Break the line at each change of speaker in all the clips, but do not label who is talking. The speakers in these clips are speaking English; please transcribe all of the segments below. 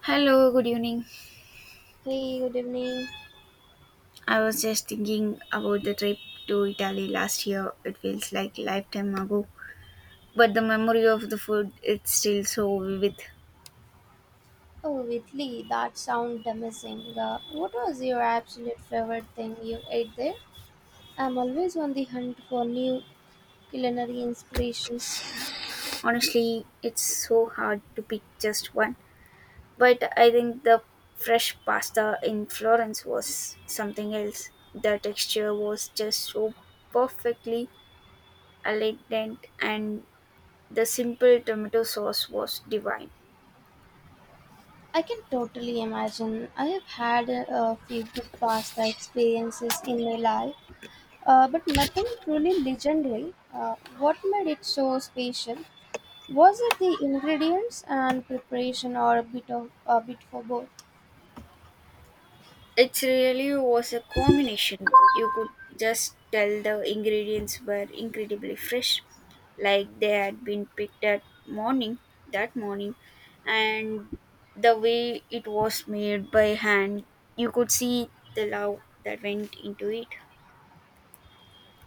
Hello, good evening.
Hey, good evening.
I was just thinking about the trip to Italy last year. It feels like a lifetime ago, but the memory of the food it's still so vivid.
Oh, Italy, that sounds amazing. What was your absolute favorite thing you ate there? I'm always on the hunt for new culinary inspirations.
Honestly, it's so hard to pick just one, but I think the fresh pasta in Florence was something else. The texture was just so perfectly aligned and the simple tomato sauce was divine.
I can totally imagine. I have had a few good pasta experiences in my life, but nothing truly legendary. What made it so special? Was it the ingredients and preparation, or a bit of a bit for both?
It really was a combination. You could just tell the ingredients were incredibly fresh, like they had been picked that morning, and the way it was made by hand, you could see the love that went into it.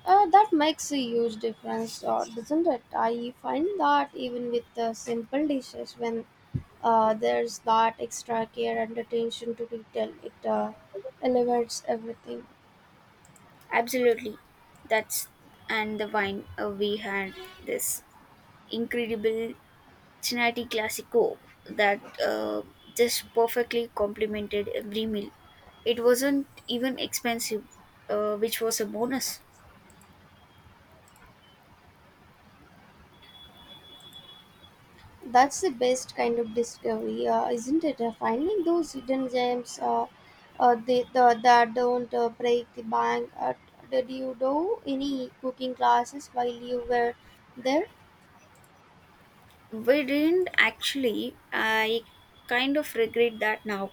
That makes a huge difference, doesn't it? I find that even with the simple dishes, when there's that extra care and attention to detail, it elevates everything.
Absolutely, that's and the wine we had this incredible Cincinnati Classico that just perfectly complemented every meal. It wasn't even expensive, which was a bonus.
That's the best kind of discovery, isn't it? Finding those hidden gems that don't break the bank. Did you do any cooking classes while you were there?
We didn't actually. I kind of regret that now,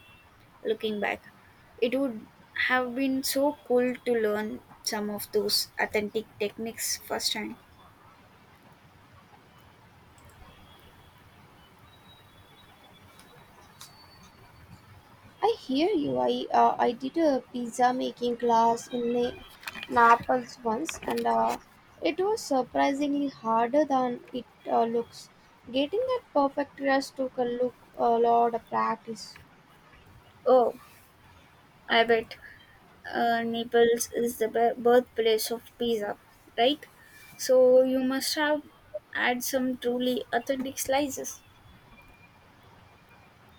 looking back. It would have been so cool to learn some of those authentic techniques firsthand.
I hear you. I did a pizza making class in Naples once, and it was surprisingly harder than it looks. Getting that perfect crust took a lot of practice.
Oh, I bet. Naples is the birthplace of pizza, right? So you must have had some truly authentic slices.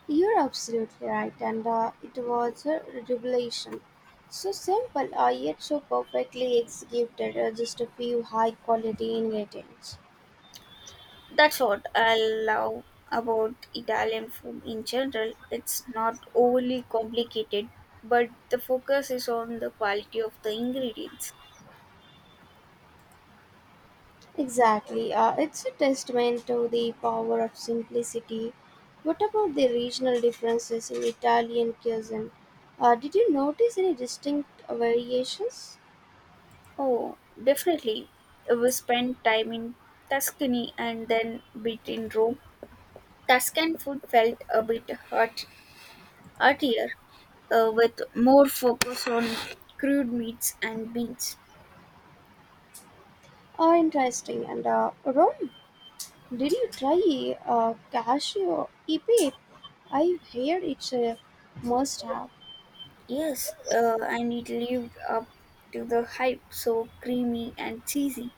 You're absolutely right, and it was a revelation. So simple, yet so perfectly executed. Just a few high quality ingredients.
That's what I love about Italian food in general. It's not overly complicated, but the focus is on the quality of the ingredients.
Exactly. It's a testament to the power of simplicity. What about the regional differences in Italian cuisine? Did you notice any distinct variations?
Oh, definitely. We spent time in Tuscany and then bit in Rome. Tuscan food felt a bit hard. Heartier, with more focus on crude meats and beans.
Interesting. And Rome, did you try cashew ipe? I hear it's a must have.
Yes, and it lived up to the hype, so creamy and cheesy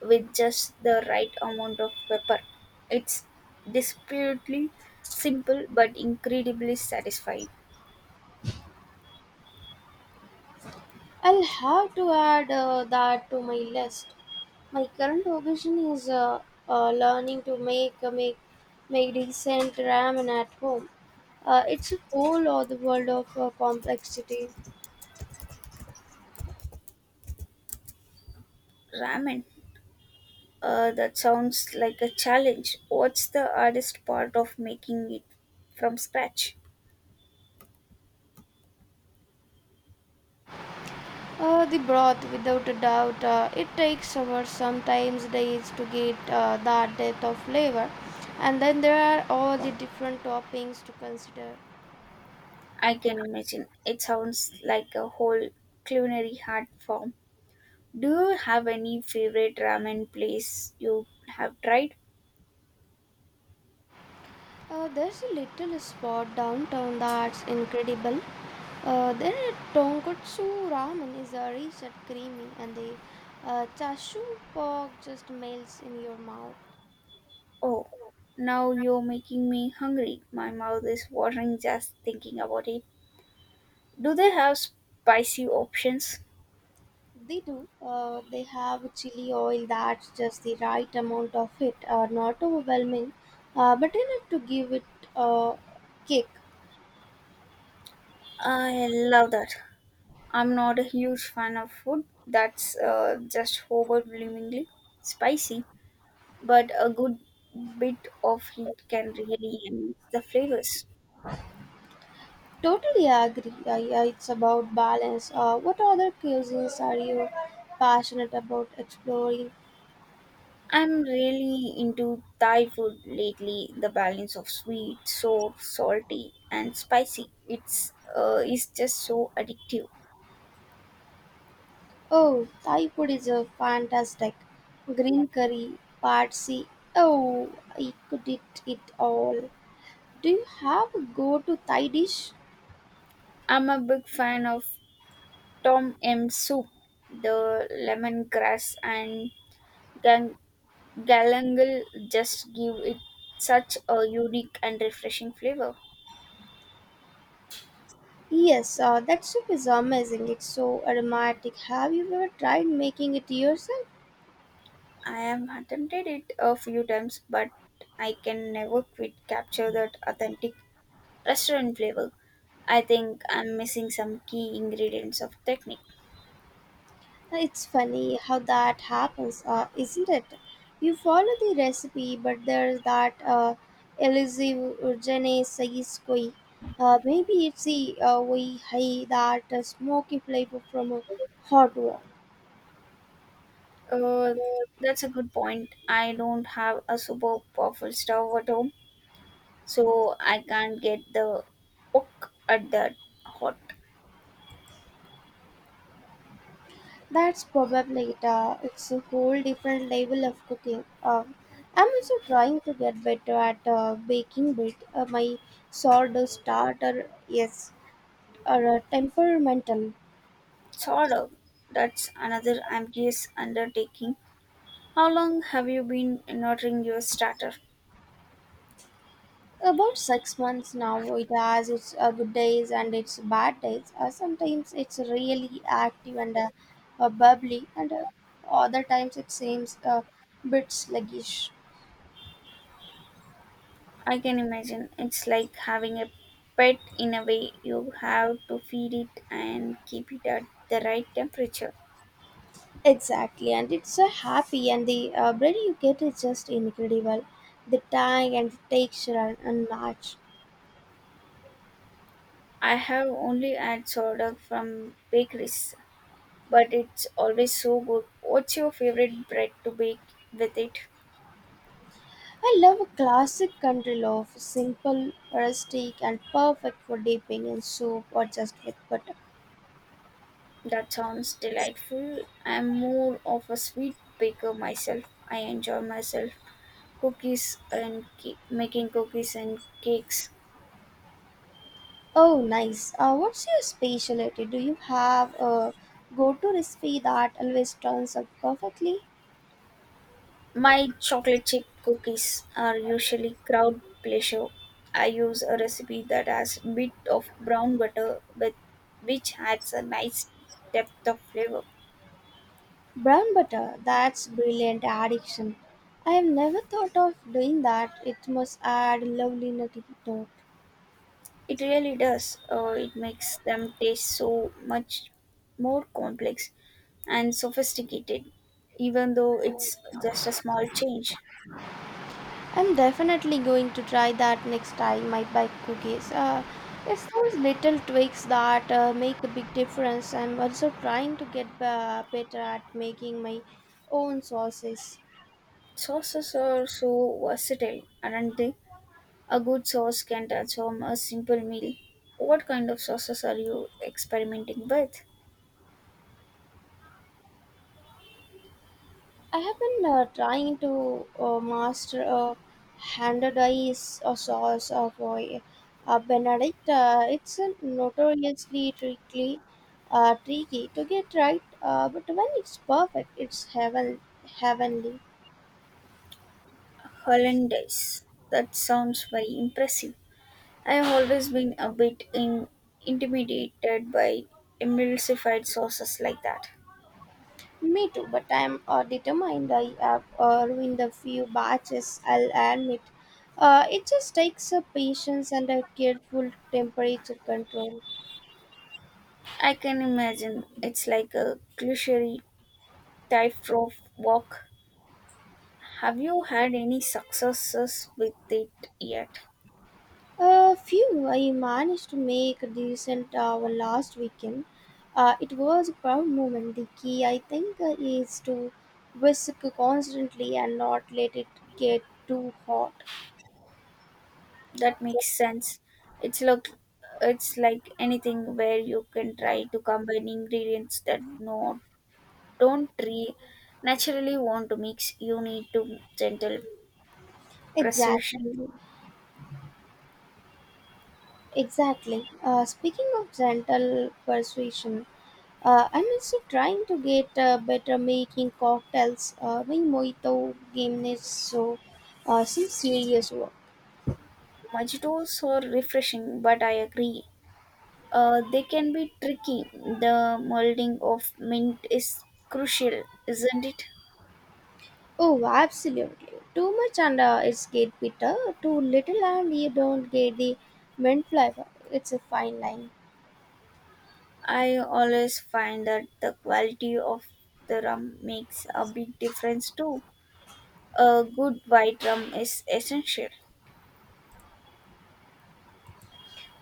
with just the right amount of pepper. It's disputably simple but incredibly satisfying.
I'll have to add that to my list. My current obsession is learning to make decent ramen at home. It's a whole other world of complexity.
Ramen, that sounds like a challenge. What's the hardest part of making it from scratch?
The broth, without a doubt, it takes hours, sometimes days, to get that depth of flavor, and then there are all the different toppings to consider.
I can imagine. It sounds like a whole culinary art form. Do you have any favorite ramen place you have tried?
There's a little spot downtown that's incredible. Their tonkotsu ramen is rich and creamy, and the chashu pork just melts in your mouth.
Oh, now you're making me hungry. My mouth is watering just thinking about it. Do they have spicy options?
They do. They have chili oil that's just the right amount of it, not overwhelming, but enough to give it a kick.
I love that. I'm not a huge fan of food that's just overwhelmingly spicy, but a good bit of heat can really enhance the flavors.
Totally agree. Yeah, it's about balance. What other cuisines are you passionate about exploring?
I'm really into Thai food lately. The balance of sweet, sour, salty, and spicy. It's is just so addictive.
Oh, Thai food is fantastic. Green curry, pad see. Oh, I could eat it all. Do you have a go-to Thai dish?
I'm a big fan of Tom M soup. The lemongrass and gang- galangal just give it such a unique and refreshing flavor.
Yes, that soup is amazing. It's so aromatic. Have you ever tried making it yourself?
I have attempted it a few times, but I can never quite capture that authentic restaurant flavor. I think I'm missing some key ingredients of technique.
It's funny how that happens, isn't it? You follow the recipe, but there's that elusive je ne sais quoi. Maybe it's the way hey, that smoky flavor from a hot wok.
Uh, that's a good point. I don't have a super powerful stove at home, so I can't get the cook at that hot.
That's probably it. It's a whole different level of cooking. I'm also trying to get better at baking bread. My sourdough starter is temperamental.
Solder. That's another ambitious undertaking. How long have you been nurturing your starter?
About 6 months now, it has its good days and its bad days. Sometimes it's really active and bubbly, and other times it seems a bit sluggish.
I can imagine it's like having a pet in a way. You have to feed it and keep it at the right temperature.
Exactly, and it's happy, and the bread you get is just incredible. The tang and the texture are unmatched.
I have only had sourdough from bakeries, but it's always so good. What's your favorite bread to bake with it?
I love a classic country loaf, simple, rustic, and perfect for dipping in soup or just with butter.
That sounds delightful. I'm more of a sweet baker myself. I enjoy myself cookies and making cookies and cakes.
Oh, nice. What's your specialty? Do you have a go-to recipe that always turns out perfectly?
My chocolate chip cookies are usually crowd pleasure. I use a recipe that has a bit of brown butter with which adds a nice depth of flavor.
Brown butter. That's brilliant addiction. I have never thought of doing that. It must add lovely nutty note.
It really does. It makes them taste so much more complex and sophisticated, even though it's just a small change.
I'm definitely going to try that next time I buy cookies. It's those little tweaks that make a big difference. I'm also trying to get better at making my own sauces.
Sauces are so versatile, aren't they? A good sauce can transform a simple meal. What kind of sauces are you experimenting with?
I have been trying to master a handed ice sauce of Benedict. It's a notoriously tricky to get right, but when it's perfect, it's heavenly.
Hollandaise. That sounds very impressive. I have always been intimidated by emulsified sauces like that.
Me too, but I'm determined. I have ruined a few batches, I'll admit. It just takes a patience and a careful temperature control.
I can imagine it's like a cliche tightrope walk. Have you had any successes with it yet?
A few. I managed to make a decent hour last weekend. It was a proud moment. The key, I think, is to whisk constantly and not let it get too hot.
That makes sense. It's look it's like anything where you can try to combine ingredients that don't naturally want to mix. You need to gentle precision.
Exactly. Exactly. Speaking of gentle persuasion, I'm also trying to get better making cocktails. My mojito game is so some serious work.
Mojitos are refreshing, but I agree uh, they can be tricky. The molding of mint is crucial, isn't it?
Oh, absolutely. Too much and it's get bitter. Too little and you don't get the mint flavor. It's a fine line.
I always find that the quality of the rum makes a big difference too. A good white rum is essential.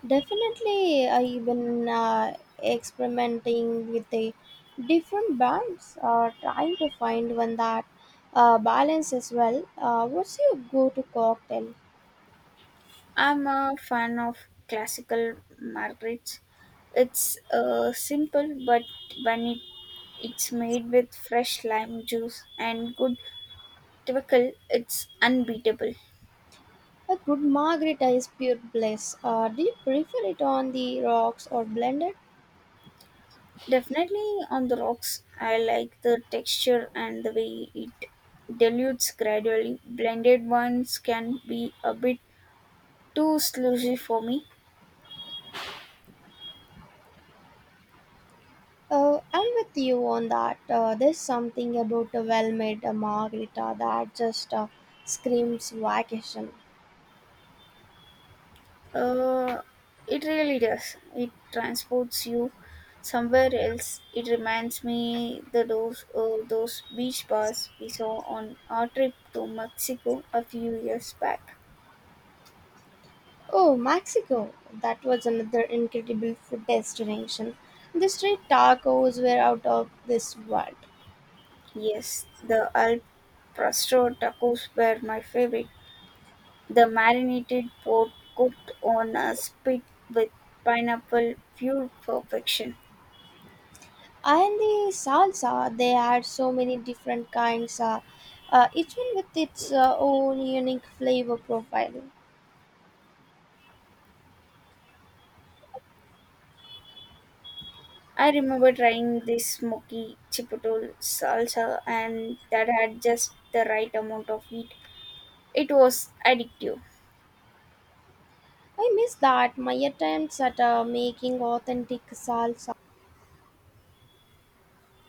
Definitely, I've been experimenting with the different brands, trying to find one that balances well. What's your go-to cocktail?
I'm a fan of classical margarits. It's simple, but when it, it's made with fresh lime juice and good twickle, it's unbeatable.
A good margarita is pure bliss. Do you prefer it on the rocks or blended?
Definitely on the rocks. I like the texture and the way it dilutes gradually. Blended ones can be a bit too sludgy for me.
I'm with you on that. There's something about a well-made margarita that just screams vacation.
Uh, it really does. It transports you somewhere else. It reminds me the those beach bars we saw on our trip to Mexico a few years back.
Oh, Mexico! That was another incredible food destination. The street tacos were out of this world.
Yes, the Al Pastor tacos were my favorite. The marinated pork cooked on a spit with pineapple pure perfection.
And the salsa, they had so many different kinds, each one with its own unique flavor profile.
I remember trying this smoky chipotle salsa and that had just the right amount of heat. It was addictive.
I miss that, my attempts at making authentic salsa.